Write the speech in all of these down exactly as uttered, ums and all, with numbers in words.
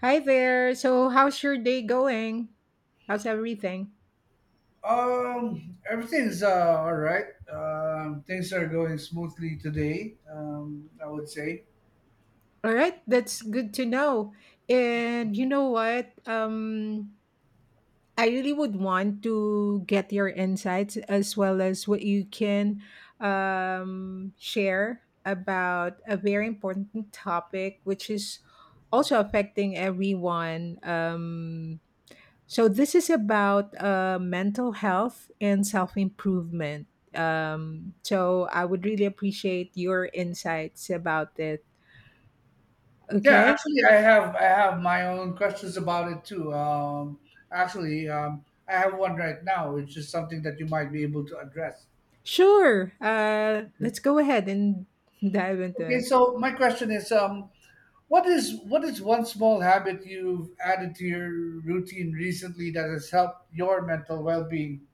Hi there. So, how's your day going? How's everything? Um, everything's uh, all right. Um, things are going smoothly today, Um, I would say. All right, that's good to know. And you know what? Um, I really would want to get your insights as well as what you can um, share about a very important topic, which is also affecting everyone. Um, So this is about uh, mental health and self improvement. Um, so I would really appreciate your insights about it. Yeah, Okay, actually, I have I have my own questions about it too. Um, actually, um, I have one right now, which is something that you might be able to address. sure. Uh, Okay. Let's go ahead and dive into Okay. it. So my question is, um, what is what is one small habit you've added to your routine recently that has helped your mental well being?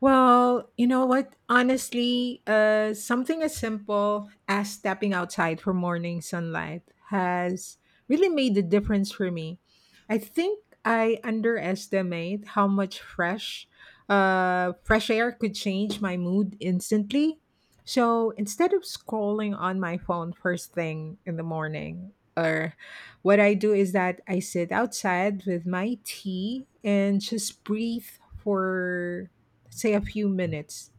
Well, you know what? Honestly, uh, something as simple as stepping outside for morning sunlight has really made the difference for me. I think I underestimate how much fresh, uh, fresh air could change my mood instantly. So instead of scrolling on my phone first thing in the morning, or what I do is that I sit outside with my tea and just breathe for, say, a few minutes.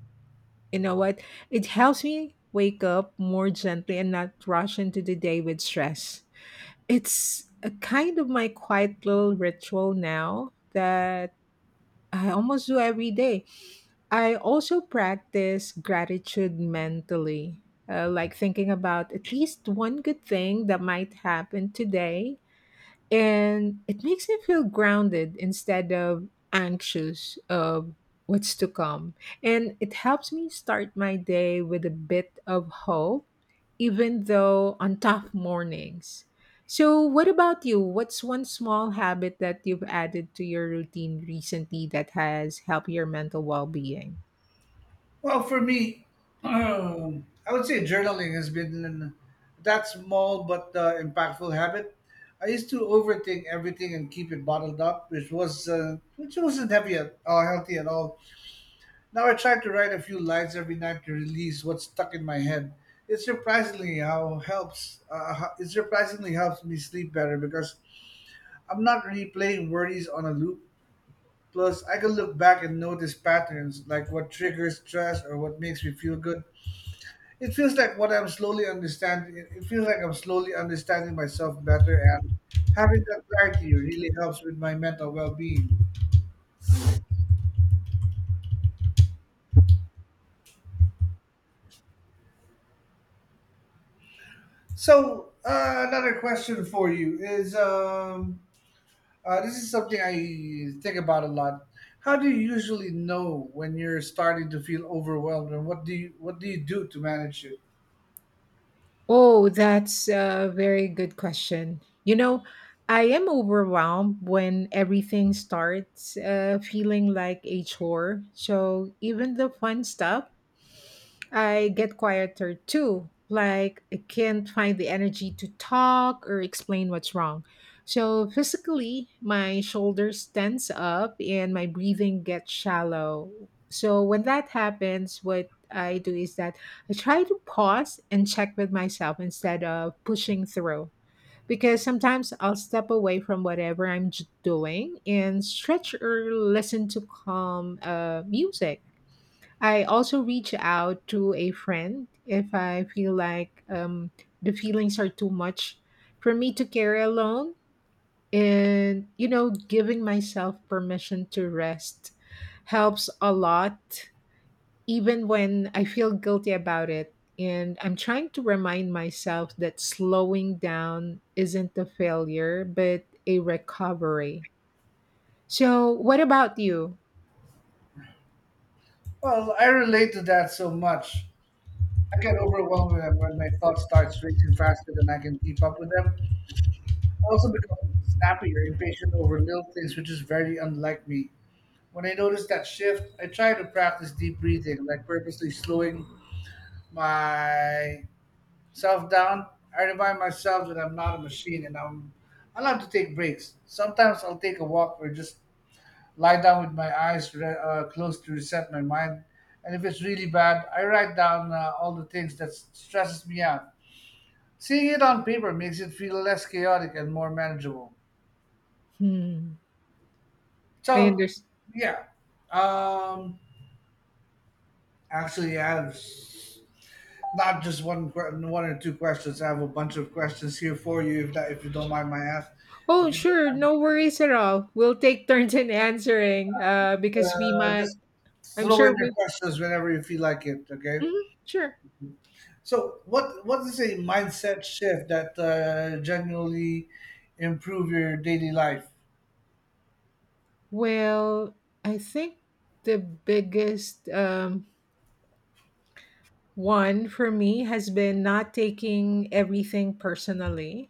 You know what? It helps me wake up more gently and not rush into the day with stress. It's a kind of my quiet little ritual now that I almost do every day. I also practice gratitude mentally, uh, like thinking about at least one good thing that might happen today, and it makes me feel grounded instead of anxious of what's to come, and it helps me start my day with a bit of hope even though on tough mornings. So, what about you? What's one small habit that you've added to your routine recently that has helped your mental well being? Well, for me, um, I would say journaling has been that small but uh, impactful habit. I used to overthink everything and keep it bottled up, which was uh, which wasn't heavy at, or healthy at all. Now I try to write a few lines every night to release what's stuck in my head. It surprisingly how helps. Uh, how- it surprisingly helps me sleep better because I'm not replaying worries on a loop. Plus, I can look back and notice patterns like what triggers stress or what makes me feel good. It feels like what I'm slowly understanding. It it feels like I'm slowly understanding myself better, and having that clarity really helps with my mental well-being. So, uh, another question for you is: um, uh, this is something I think about a lot. How do you usually know when you're starting to feel overwhelmed, and what do you what do you do to manage it? Oh, that's a very good question. You know, I am overwhelmed when everything starts uh, feeling like a chore. So even the fun stuff I get quieter too. Like I can't find the energy to talk or explain what's wrong. So physically, my shoulders tense up and my breathing gets shallow. So when that happens, what I do is that I try to pause and check with myself instead of pushing through. Because sometimes I'll step away from whatever I'm j- doing and stretch or listen to calm uh, music. I also reach out to a friend if I feel like um, the feelings are too much for me to carry alone. And, you know, giving myself permission to rest helps a lot, even when I feel guilty about it. And I'm trying to remind myself that slowing down isn't a failure, but a recovery. So, what about you? Well, I relate to that so much. I get overwhelmed when when my thoughts start racing faster than I can keep up with them. Also become snappy or impatient over little things, which is very unlike me. When I notice that shift, I try to practice deep breathing, like purposely slowing myself down. I remind myself that I'm not a machine and I'm allowed to take breaks. Sometimes I'll take a walk or just lie down with my eyes re- uh, closed to reset my mind. And if it's really bad, I write down uh, all the things that s- stresses me out. Seeing it on paper makes it feel less chaotic and more manageable. Hmm. I So, understand. yeah. Um, actually, I have s- not just one que- one or two questions. I have a bunch of questions here for you, if that if you don't mind my ask. If Oh, you don't sure. mind me, No worries at all. We'll take turns in answering uh, because we uh, might, just I'm throw in sure your we, questions whenever you feel like it. Okay. Mhm, sure. So, what what is a mindset shift that uh, genuinely improve your daily life? Well, I think the biggest um, one for me has been not taking everything personally.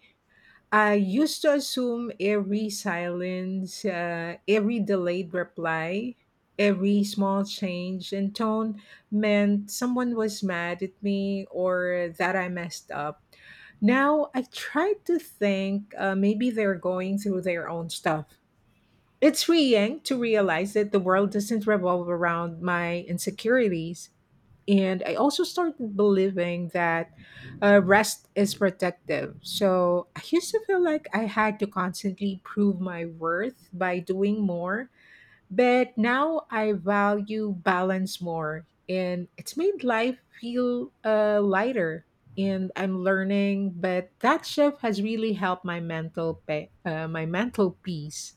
I used to assume every silence, uh, every delayed reply, every small change in tone meant someone was mad at me or that I messed up. Now I try to think uh, maybe they're going through their own stuff. It's freeing to realize that the world doesn't revolve around my insecurities. And I also started believing that uh, rest is protective. So I used to feel like I had to constantly prove my worth by doing more. But now I value balance more. And it's made life feel uh, lighter. And I'm learning, but that shift has really helped my mental, pe- uh, my mental peace.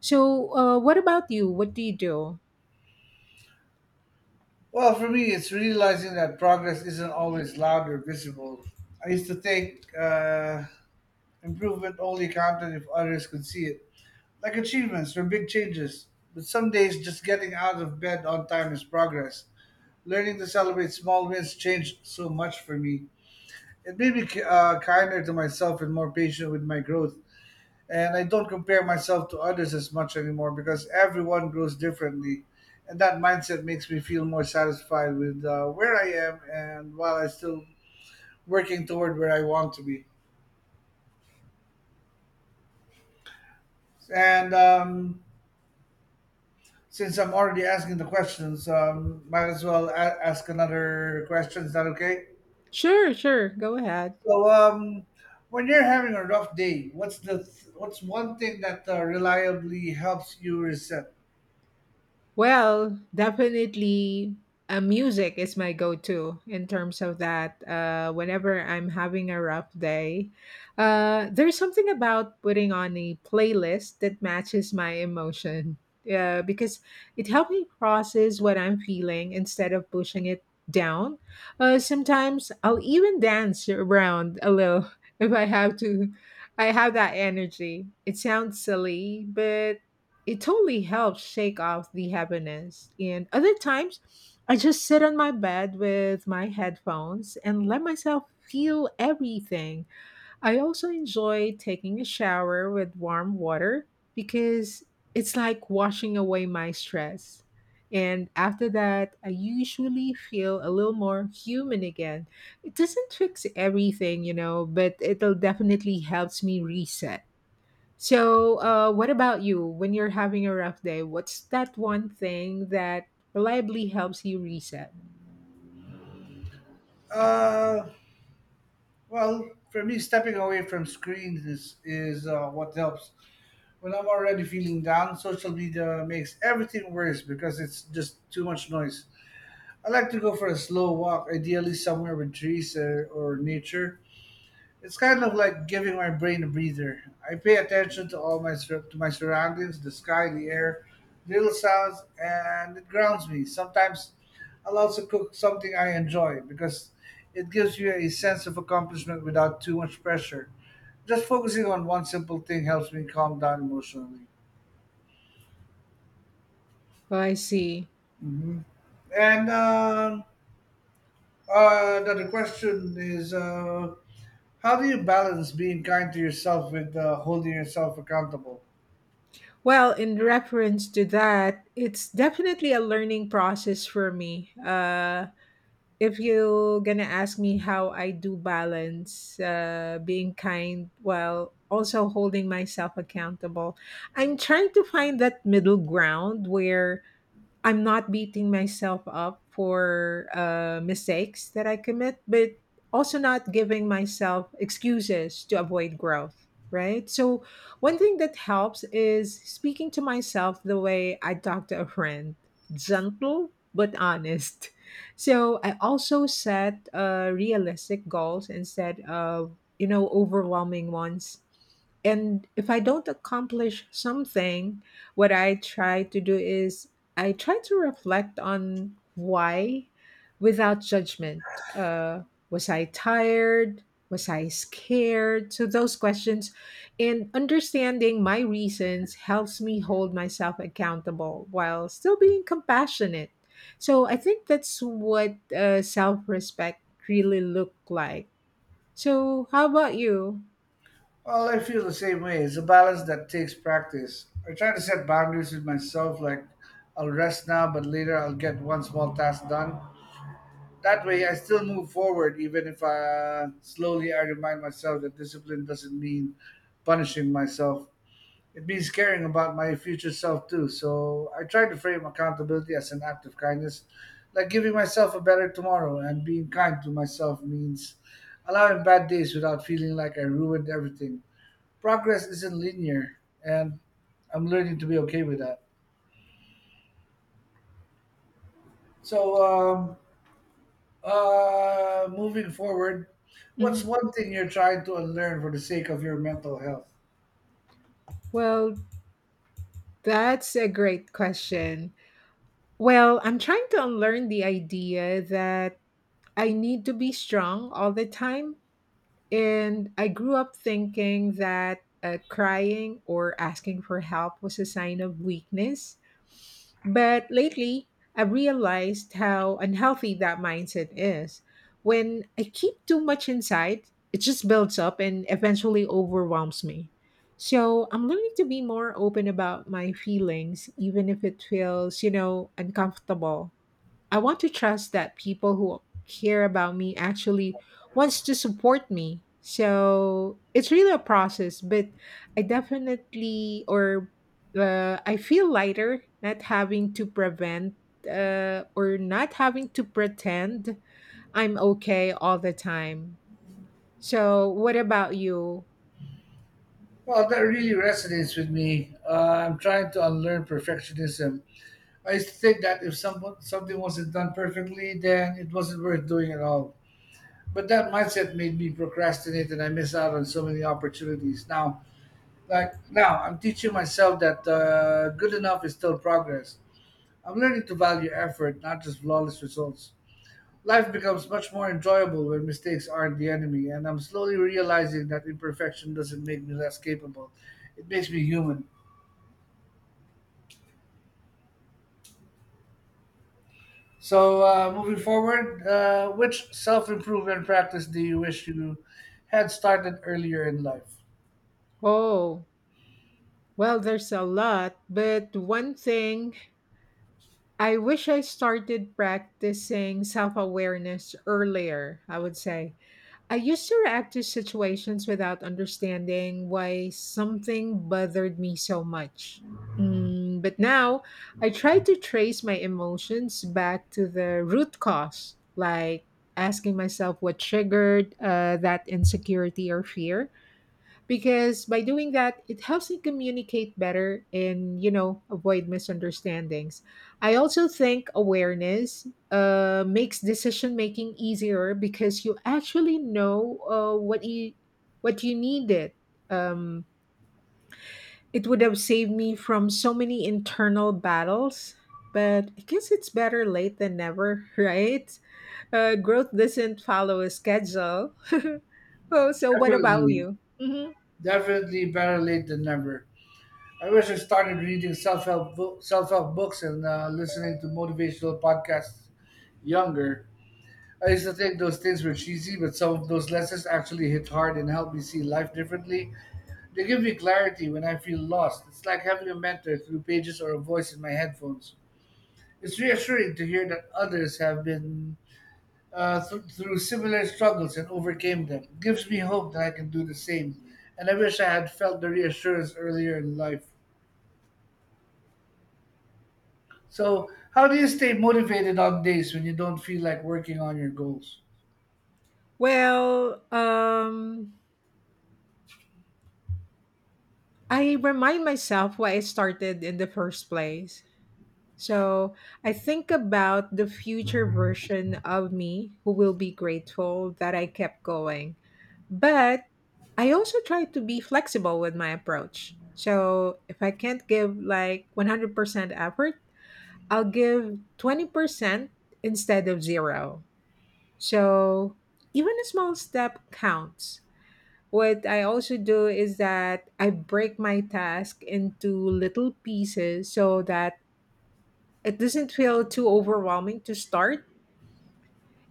So, uh, what about you? What do you do? Well, for me, it's realizing that progress isn't always loud or visible. I used to think. Uh, Improvement only counted if others could see it, like achievements or big changes. But some days, just getting out of bed on time is progress. Learning to celebrate small wins changed so much for me. It made me uh, kinder to myself and more patient with my growth. And I don't compare myself to others as much anymore because everyone grows differently. And that mindset makes me feel more satisfied with uh, where I am and while I'm still working toward where I want to be. And um, Since I'm already asking the questions, um, might as well a- ask another question. Is that okay? Sure, sure. Go ahead. So, um, when you're having a rough day, what's the th- what's one thing that uh, reliably helps you reset? Well, definitely uh, music is my go to in terms of that. Uh, whenever I'm having a rough day, uh, there's something about putting on a playlist that matches my emotion uh, because it helps me process what I'm feeling instead of pushing it down. Uh, sometimes I'll even dance around a little if I have to. I have that energy. It sounds silly, but it totally helps shake off the heaviness. And other times, I just sit on my bed with my headphones and let myself feel everything. I also enjoy taking a shower with warm water because it's like washing away my stress. And after that, I usually feel a little more human again. It doesn't fix everything, you know, but it'll definitely helps me reset. So, uh, what about you? When you're having a rough day, what's that one thing that reliably helps you reset? Uh, well, for me, stepping away from screens is is uh, what helps. When I'm already feeling down, social media makes everything worse because it's just too much noise. I like to go for a slow walk, ideally somewhere with trees or, or nature. It's kind of like giving my brain a breather. I pay attention to all my sur- to my surroundings, the sky, the air, little sounds, and it grounds me. Sometimes I'll also cook something I enjoy because it gives you a sense of accomplishment without too much pressure. Just focusing on one simple thing helps me calm down emotionally. Oh, I see. Hmm. And um, uh, another question is, uh, how do you balance being kind to yourself with uh, holding yourself accountable? Well, in reference to that, it's definitely a learning process for me. Uh, if you're gonna ask me how I do balance uh, being kind while also holding myself accountable, I'm trying to find that middle ground where I'm not beating myself up for uh, mistakes that I commit, but also not giving myself excuses to avoid growth, right? So, one thing that helps is speaking to myself the way I talk to a friend, gentle but honest. So, I also set uh, realistic goals instead of, you know, overwhelming ones. And if I don't accomplish something, what I try to do is I try to reflect on why without judgment. Uh, was I tired? Was I scared? So, those questions and understanding my reasons helps me hold myself accountable while still being compassionate. So, I think that's what uh, self respect really look like. So, how about you? Well, I feel the same way. It's a balance that takes practice. I try to set boundaries with myself, like I'll rest now, but later I'll get one small task done. That way, I still move forward, even if uh, slowly. I remind myself that discipline doesn't mean punishing myself. It means caring about my future self, too. So I try to frame accountability as an act of kindness, like giving myself a better tomorrow, and being kind to myself means allowing bad days without feeling like I ruined everything. Progress isn't linear, and I'm learning to be okay with that. So, um, uh, moving forward, what's Mhm. one thing you're trying to unlearn for the sake of your mental health? Well, that's a great question. Well, I'm trying to unlearn the idea that I need to be strong all the time. And I grew up thinking that uh, crying or asking for help was a sign of weakness. But lately, I realized how unhealthy that mindset is. When I keep too much inside, it just builds up and eventually overwhelms me. So I'm learning to be more open about my feelings, even if it feels, you know, uncomfortable. I want to trust that people who care about me actually wants to support me. So it's really a process, but I definitely or uh, I feel lighter not having to prevent uh, or not having to pretend I'm okay all the time. So what about you? Well, that really resonates with me. Uh, I'm trying to unlearn perfectionism. I used to think that if someone something wasn't done perfectly, then it wasn't worth doing at all. But that mindset made me procrastinate, and I miss out on so many opportunities. Now, like now, I'm teaching myself that uh, good enough is still progress. I'm learning to value effort, not just flawless results. Life becomes much more enjoyable when mistakes aren't the enemy, and I'm slowly realizing that imperfection doesn't make me less capable. It makes me human. So, uh, moving forward, uh, which self improvement practice do you wish you had started earlier in life? Oh, well, there's a lot, but one thing, I wish I started practicing self awareness earlier, I would say. I used to react to situations without understanding why something bothered me so much. Mm, but now I try to trace my emotions back to the root cause, like asking myself what triggered uh, that insecurity or fear, because by doing that it helps me communicate better and, you know, avoid misunderstandings. I also think awareness uh, makes decision making easier because you actually know uh, what you what you needed. um, it would have saved me from so many internal battles, but I guess it's better late than never, right? Uh, growth doesn't follow a schedule. Oh, so what about Definitely, you? Mhm. definitely better late than never. I wish I started reading self help self help books and uh, listening to motivational podcasts younger. I used to think those things were cheesy, but some of those lessons actually hit hard and helped me see life differently. They give me clarity when I feel lost. It's like having a mentor through pages or a voice in my headphones. It's reassuring to hear that others have been uh, th- through similar struggles and overcame them. It gives me hope that I can do the same. And I wish I had felt the reassurance earlier in life. So, how do you stay motivated on days when you don't feel like working on your goals? Well, um, I remind myself why I started in the first place. So I think about the future version of me who will be grateful that I kept going. But I also try to be flexible with my approach. So if I can't give like one hundred percent effort, I'll give twenty percent instead of zero. So even a small step counts. What I also do is that I break my task into little pieces so that it doesn't feel too overwhelming to start.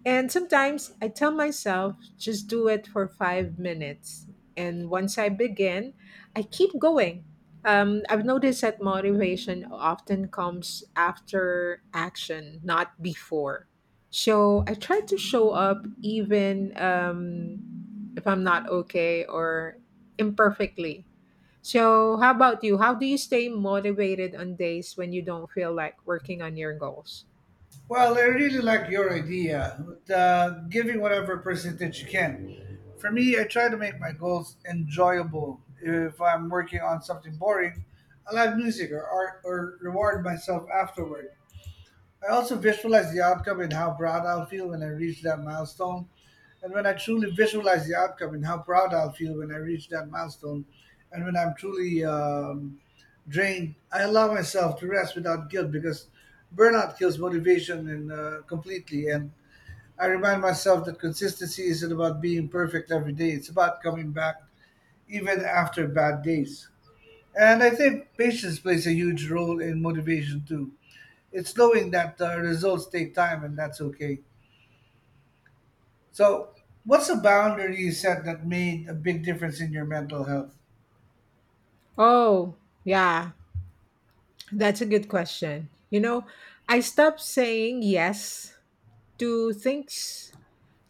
And sometimes I tell myself, just do it for five minutes. And once I begin, I keep going. Um, I've noticed that motivation often comes after action, not before. So I try to show up even um, if I'm not okay or imperfectly. So, how about you? How do you stay motivated on days when you don't feel like working on your goals? Well, I really like your idea with uh, giving whatever percentage you can. For me, I try to make my goals enjoyable. If I'm working on something boring, I'll have music or art or reward myself afterward. I also visualize the outcome in how proud I'll feel when I reach that milestone. And when I truly visualize the outcome in how proud I'll feel when I reach that milestone, and when I'm truly um, drained, I allow myself to rest without guilt because burnout kills motivation and uh, completely. And I remind myself that consistency isn't about being perfect every day; it's about coming back even after bad days. And I think patience plays a huge role in motivation too. It's knowing that uh, results take time, and that's okay. So, what's a boundary you set that made a big difference in your mental health? Oh, yeah, that's a good question. You know, I stopped saying yes to things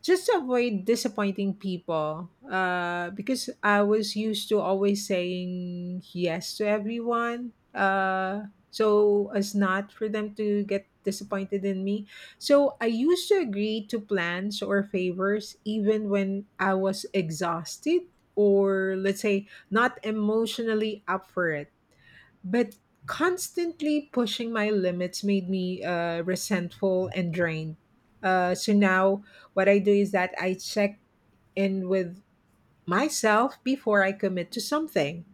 just to avoid disappointing people uh, because I was used to always saying yes to everyone, uh, so as not for them to get disappointed in me. So I used to agree to plans or favors even when I was exhausted, or let's say not emotionally up for it, but constantly pushing my limits made me uh, resentful and drained. Uh, so now what I do is that I check in with myself before I commit to something.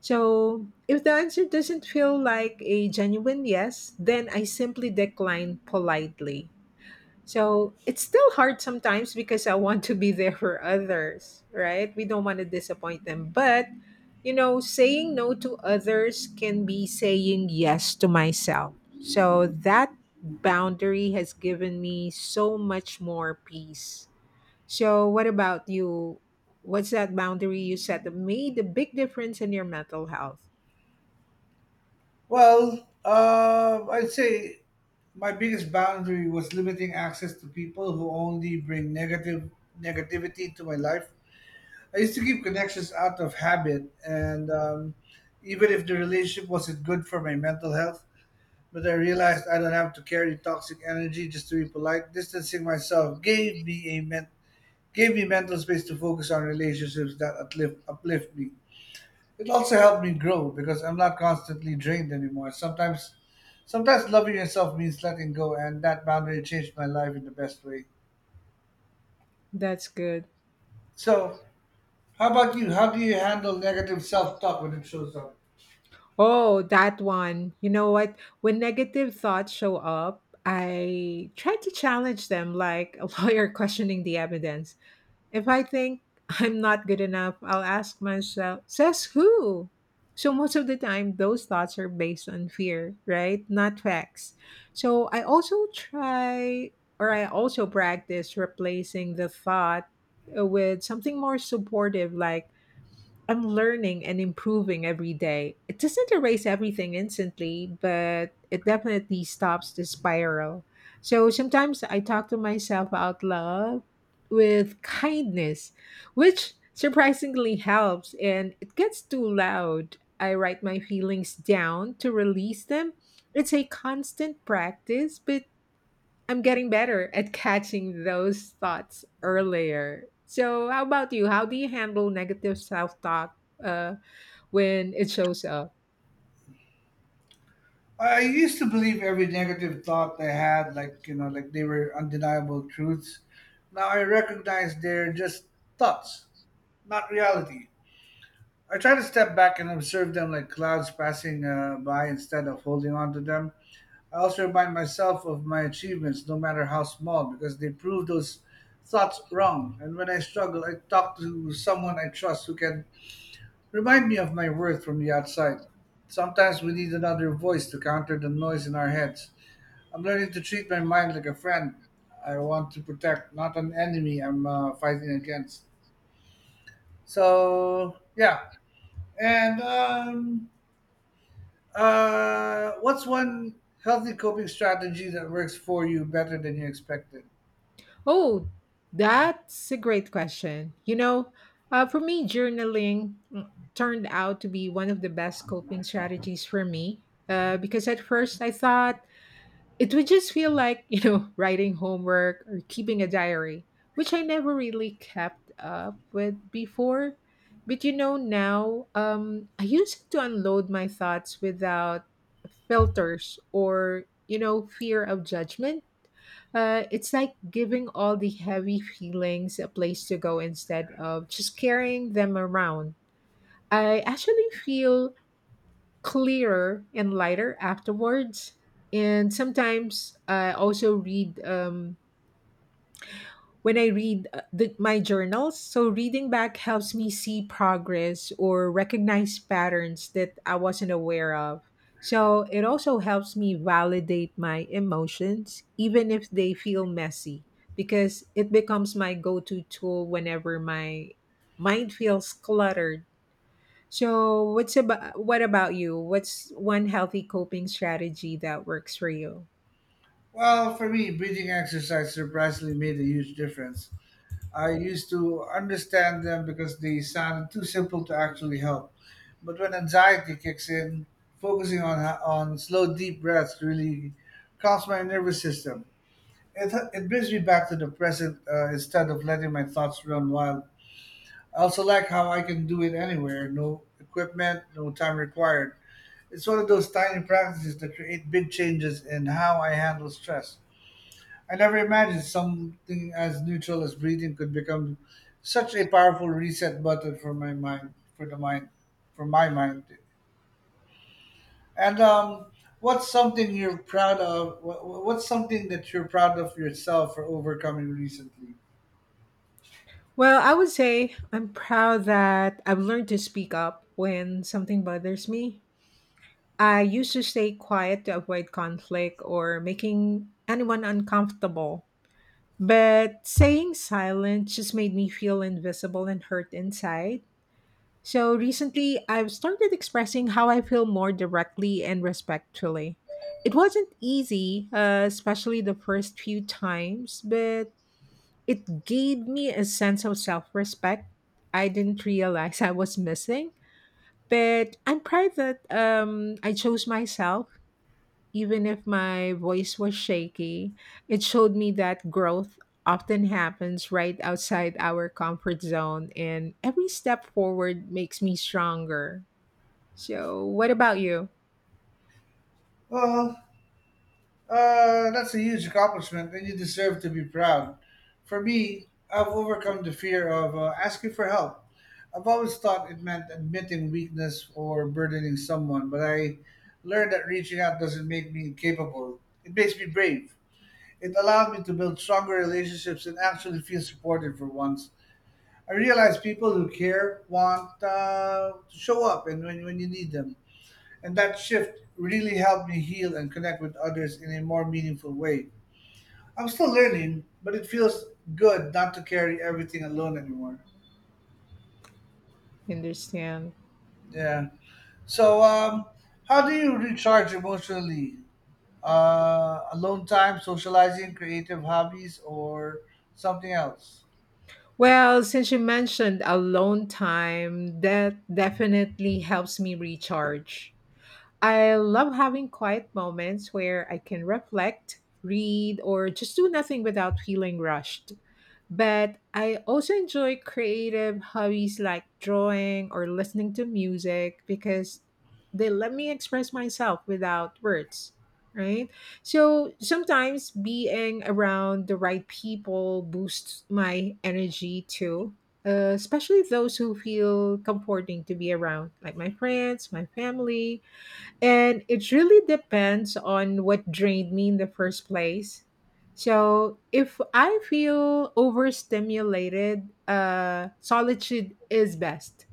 So if the answer doesn't feel like a genuine yes, then I simply decline politely. So it's still hard sometimes because I want to be there for others, right? We don't want to disappoint them. But, you know, saying no to others can be saying yes to myself. So that boundary has given me so much more peace. So, what about you? What's that boundary you set that made a big difference in your mental health? Well, uh, I'd say my biggest boundary was limiting access to people who only bring negative negativity to my life. I used to keep connections out of habit, and um, even if the relationship wasn't good for my mental health, but I realized I don't have to carry toxic energy just to be polite. Distancing myself gave me a men- gave me mental space to focus on relationships that uplift, uplift me. It also helped me grow because I'm not constantly drained anymore. Sometimes, sometimes loving yourself means letting go, and that boundary changed my life in the best way. That's good. So, how about you? How do you handle negative self-talk when it shows up? Oh, that one. You know what? When negative thoughts show up, I try to challenge them like a lawyer questioning the evidence. If I think I'm not good enough, I'll ask myself, says who? So, most of the time, those thoughts are based on fear, right? Not facts. So, I also try or I also practice replacing the thought uh, with something more supportive, like, I'm learning and improving every day. It doesn't erase everything instantly, but it definitely stops the spiral. So sometimes I talk to myself out loud with kindness, which surprisingly helps. And it gets too loud, I write my feelings down to release them. It's a constant practice, but I'm getting better at catching those thoughts earlier. So, how about you? How do you handle negative self talk uh, when it shows up? I I used to believe every negative thought I had, like you know, like they were undeniable truths. Now I recognize they're just thoughts, not reality. I try to step back and observe them like clouds passing uh, by instead of holding on to them. I also remind myself of my achievements, no matter how small, because they prove those thoughts wrong. And when I struggle, I talk to someone I trust who can remind me of my worth from the outside. Sometimes we need another voice to counter the noise in our heads. I'm learning to treat my mind like a friend I want to protect, not an enemy I'm uh, fighting against. So, yeah. And um, Uh, what's one healthy coping strategy that works for you better than you expected? Oh, that's a great question. You know, uh, for me, journaling mm, turned out to be one of the best coping strategies for me uh, because at first I thought it would just feel like, you know, writing homework or keeping a diary, which I never really kept up with before. But you know, now um, I use it to unload my thoughts without filters or, you know, fear of judgment. Uh, it's like giving all the heavy feelings a place to go instead of just carrying them around. I actually feel clearer and lighter afterwards. And sometimes I also read um, when I read uh, the, my journals. So reading back helps me see progress or recognize patterns that I wasn't aware of. So it also helps me validate my emotions, even if they feel messy, because it becomes my go to tool whenever my mind feels cluttered. So, what's about what about you? What's one healthy coping strategy that works for you? Well, for me, breathing exercise surprisingly made a huge difference. I used to understand them because they sounded too simple to actually help. But when anxiety kicks in, focusing on on slow, deep breaths really calms my nervous system. It, it brings me back to the present uh, instead of letting my thoughts run wild. I also like how I can do it anywhere, no equipment, no time required. It's one of those tiny practices that create big changes in how I handle stress. I never imagined something as neutral as breathing could become such a powerful reset button for my mind, for the mind, for my mind. And um, What's something you're proud of? wha- wha- What's something that you're proud of yourself for overcoming recently? Well, I would say I'm proud that I've learned to speak up when something bothers me. I used to stay quiet to avoid conflict or making anyone uncomfortable. But saying silent just made me feel invisible and hurt inside. So recently, I've started expressing how I feel more directly and respectfully. It wasn't easy, uh, especially the first few times, but it gave me a sense of self respect I didn't realize I was missing. But I'm proud that um, I chose myself, even if my voice was shaky. It showed me that growth often happens right outside our comfort zone, and every step forward makes me stronger. So, what about you? Well, Uh, that's a huge accomplishment, and you deserve to be proud. For me, I've overcome the fear of uh, asking for help. I've always thought it meant admitting weakness or burdening someone, but I learned that reaching out doesn't make me incapable. It makes me brave. It allowed me to build stronger relationships and actually feel supported for once. I realized people who care want uh, to show up and when, when you need them. And that shift really helped me heal and connect with others in a more meaningful way. I'm still learning, but it feels good not to carry everything alone anymore. Understand. Yeah. So, um, how do you recharge emotionally? Uh, alone time, socializing, creative hobbies, or something else? Well, since you mentioned alone time, that definitely helps me recharge. I love having quiet moments where I can reflect, read, or just do nothing without feeling rushed. But I also enjoy creative hobbies like drawing or listening to music because they let me express myself without words, right? So sometimes being around the right people boosts my energy too, uh, especially those who feel comforting to be around, like my friends, my family, and it really depends on what drained me in the first place. So if I feel overstimulated, uh, solitude is best.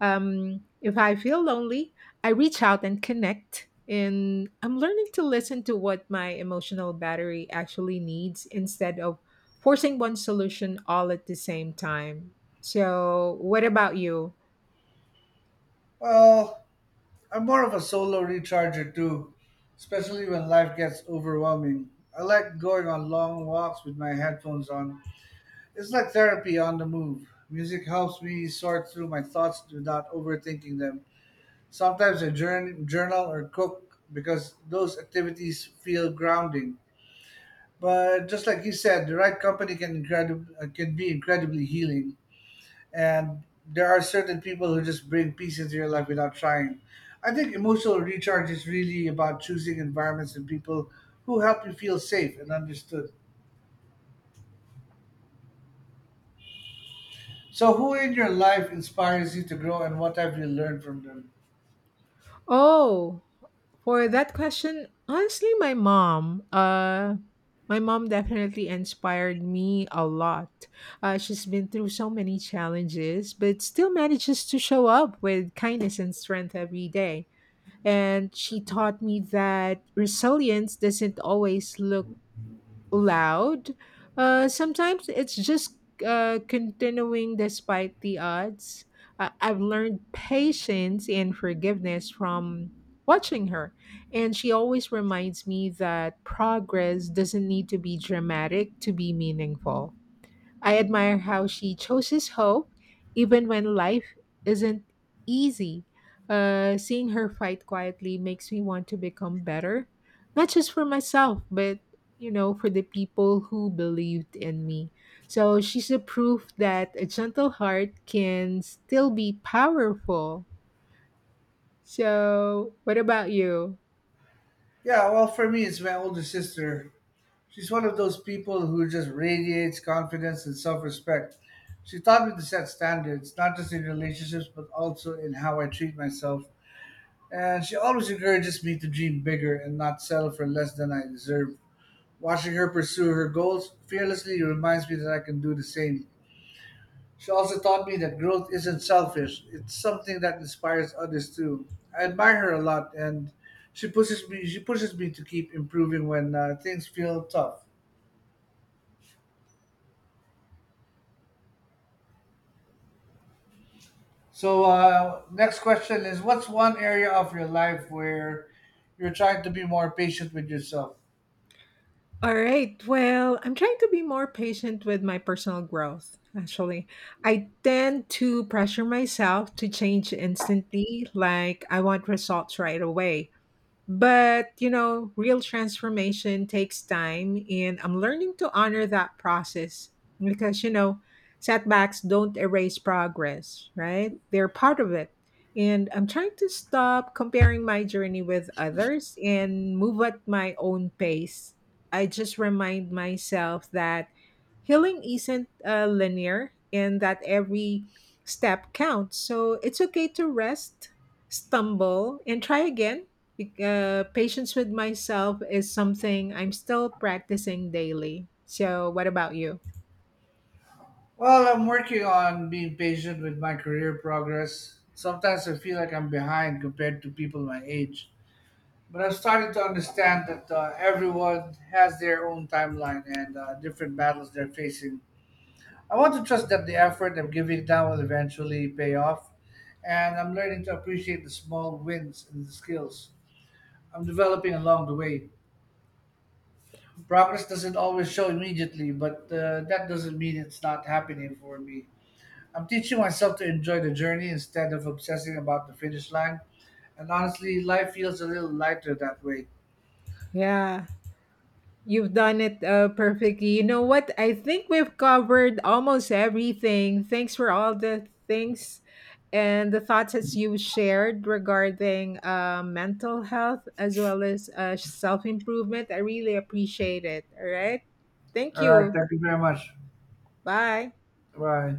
Um, if I feel lonely, I reach out and connect. And I'm learning to listen to what my emotional battery actually needs instead of forcing one solution all at the same time. So, what about you? Well, I'm more of a solo recharger too, especially when life gets overwhelming. I like going on long walks with my headphones on. It's like therapy on the move. Music helps me sort through my thoughts without overthinking them. Sometimes I journ- journal or cook because those activities feel grounding. But just like you said, the right company can incredib- uh, can be incredibly healing, and there are certain people who just bring peace into your life without trying. I think emotional recharge is really about choosing environments and people who help you feel safe and understood. So, who in your life inspires you to grow, and what have you learned from them? Oh, for that question, honestly, my mom. Uh, my mom definitely inspired me a lot. Uh, she's been through so many challenges, but still manages to show up with kindness and strength every day. And she taught me that resilience doesn't always look loud. Uh, sometimes it's just uh, continuing despite the odds. Uh, I've learned patience and forgiveness from watching her, and she always reminds me that progress doesn't need to be dramatic to be meaningful. I admire how she chooses hope even when life isn't easy. Uh, seeing her fight quietly makes me want to become better, not just for myself, but you know, for the people who believed in me. So she's a proof that a gentle heart can still be powerful. So, what about you? Yeah, well, for me, it's my older sister. She's one of those people who just radiates confidence and self respect. She taught me to set standards, not just in relationships, but also in how I treat myself. And she always encourages me to dream bigger and not settle for less than I deserve. Watching her pursue her goals fearlessly reminds me that I can do the same. She also taught me that growth isn't selfish, it's something that inspires others too. I admire her a lot and she pushes me she pushes me to keep improving when uh, things feel tough. So, uh, next question is what's one area of your life where you're trying to be more patient with yourself? All right. Well, I'm trying to be more patient with my personal growth, actually. I tend to pressure myself to change instantly, like I want results right away. But, you know, real transformation takes time, and I'm learning to honor that process because, you know, setbacks don't erase progress, right? They're part of it. And I'm trying to stop comparing my journey with others and move at my own pace. I just remind myself that healing isn't uh, linear and that every step counts. So it's okay to rest, stumble, and try again. Bec- uh, patience with myself is something I'm still practicing daily. So, what about you? Well, I'm working on being patient with my career progress. Sometimes I feel like I'm behind compared to people my age. But I've started to understand that uh, everyone has their own timeline and uh, different battles they're facing. I want to trust that the effort I'm giving now will eventually pay off, and I'm learning to appreciate the small wins and the skills I'm developing along the way. Progress doesn't always show immediately, but uh, that doesn't mean it's not happening for me. I'm teaching myself to enjoy the journey instead of obsessing about the finish line. And honestly, life feels a little lighter that way. Yeah, you've done it uh, perfectly. You know what? I think we've covered almost everything. Thanks for all the things and the thoughts that you shared regarding uh, mental health as well as uh, self improvement. I really appreciate it. All right. Thank All right, you. thank you very much. Bye. Bye.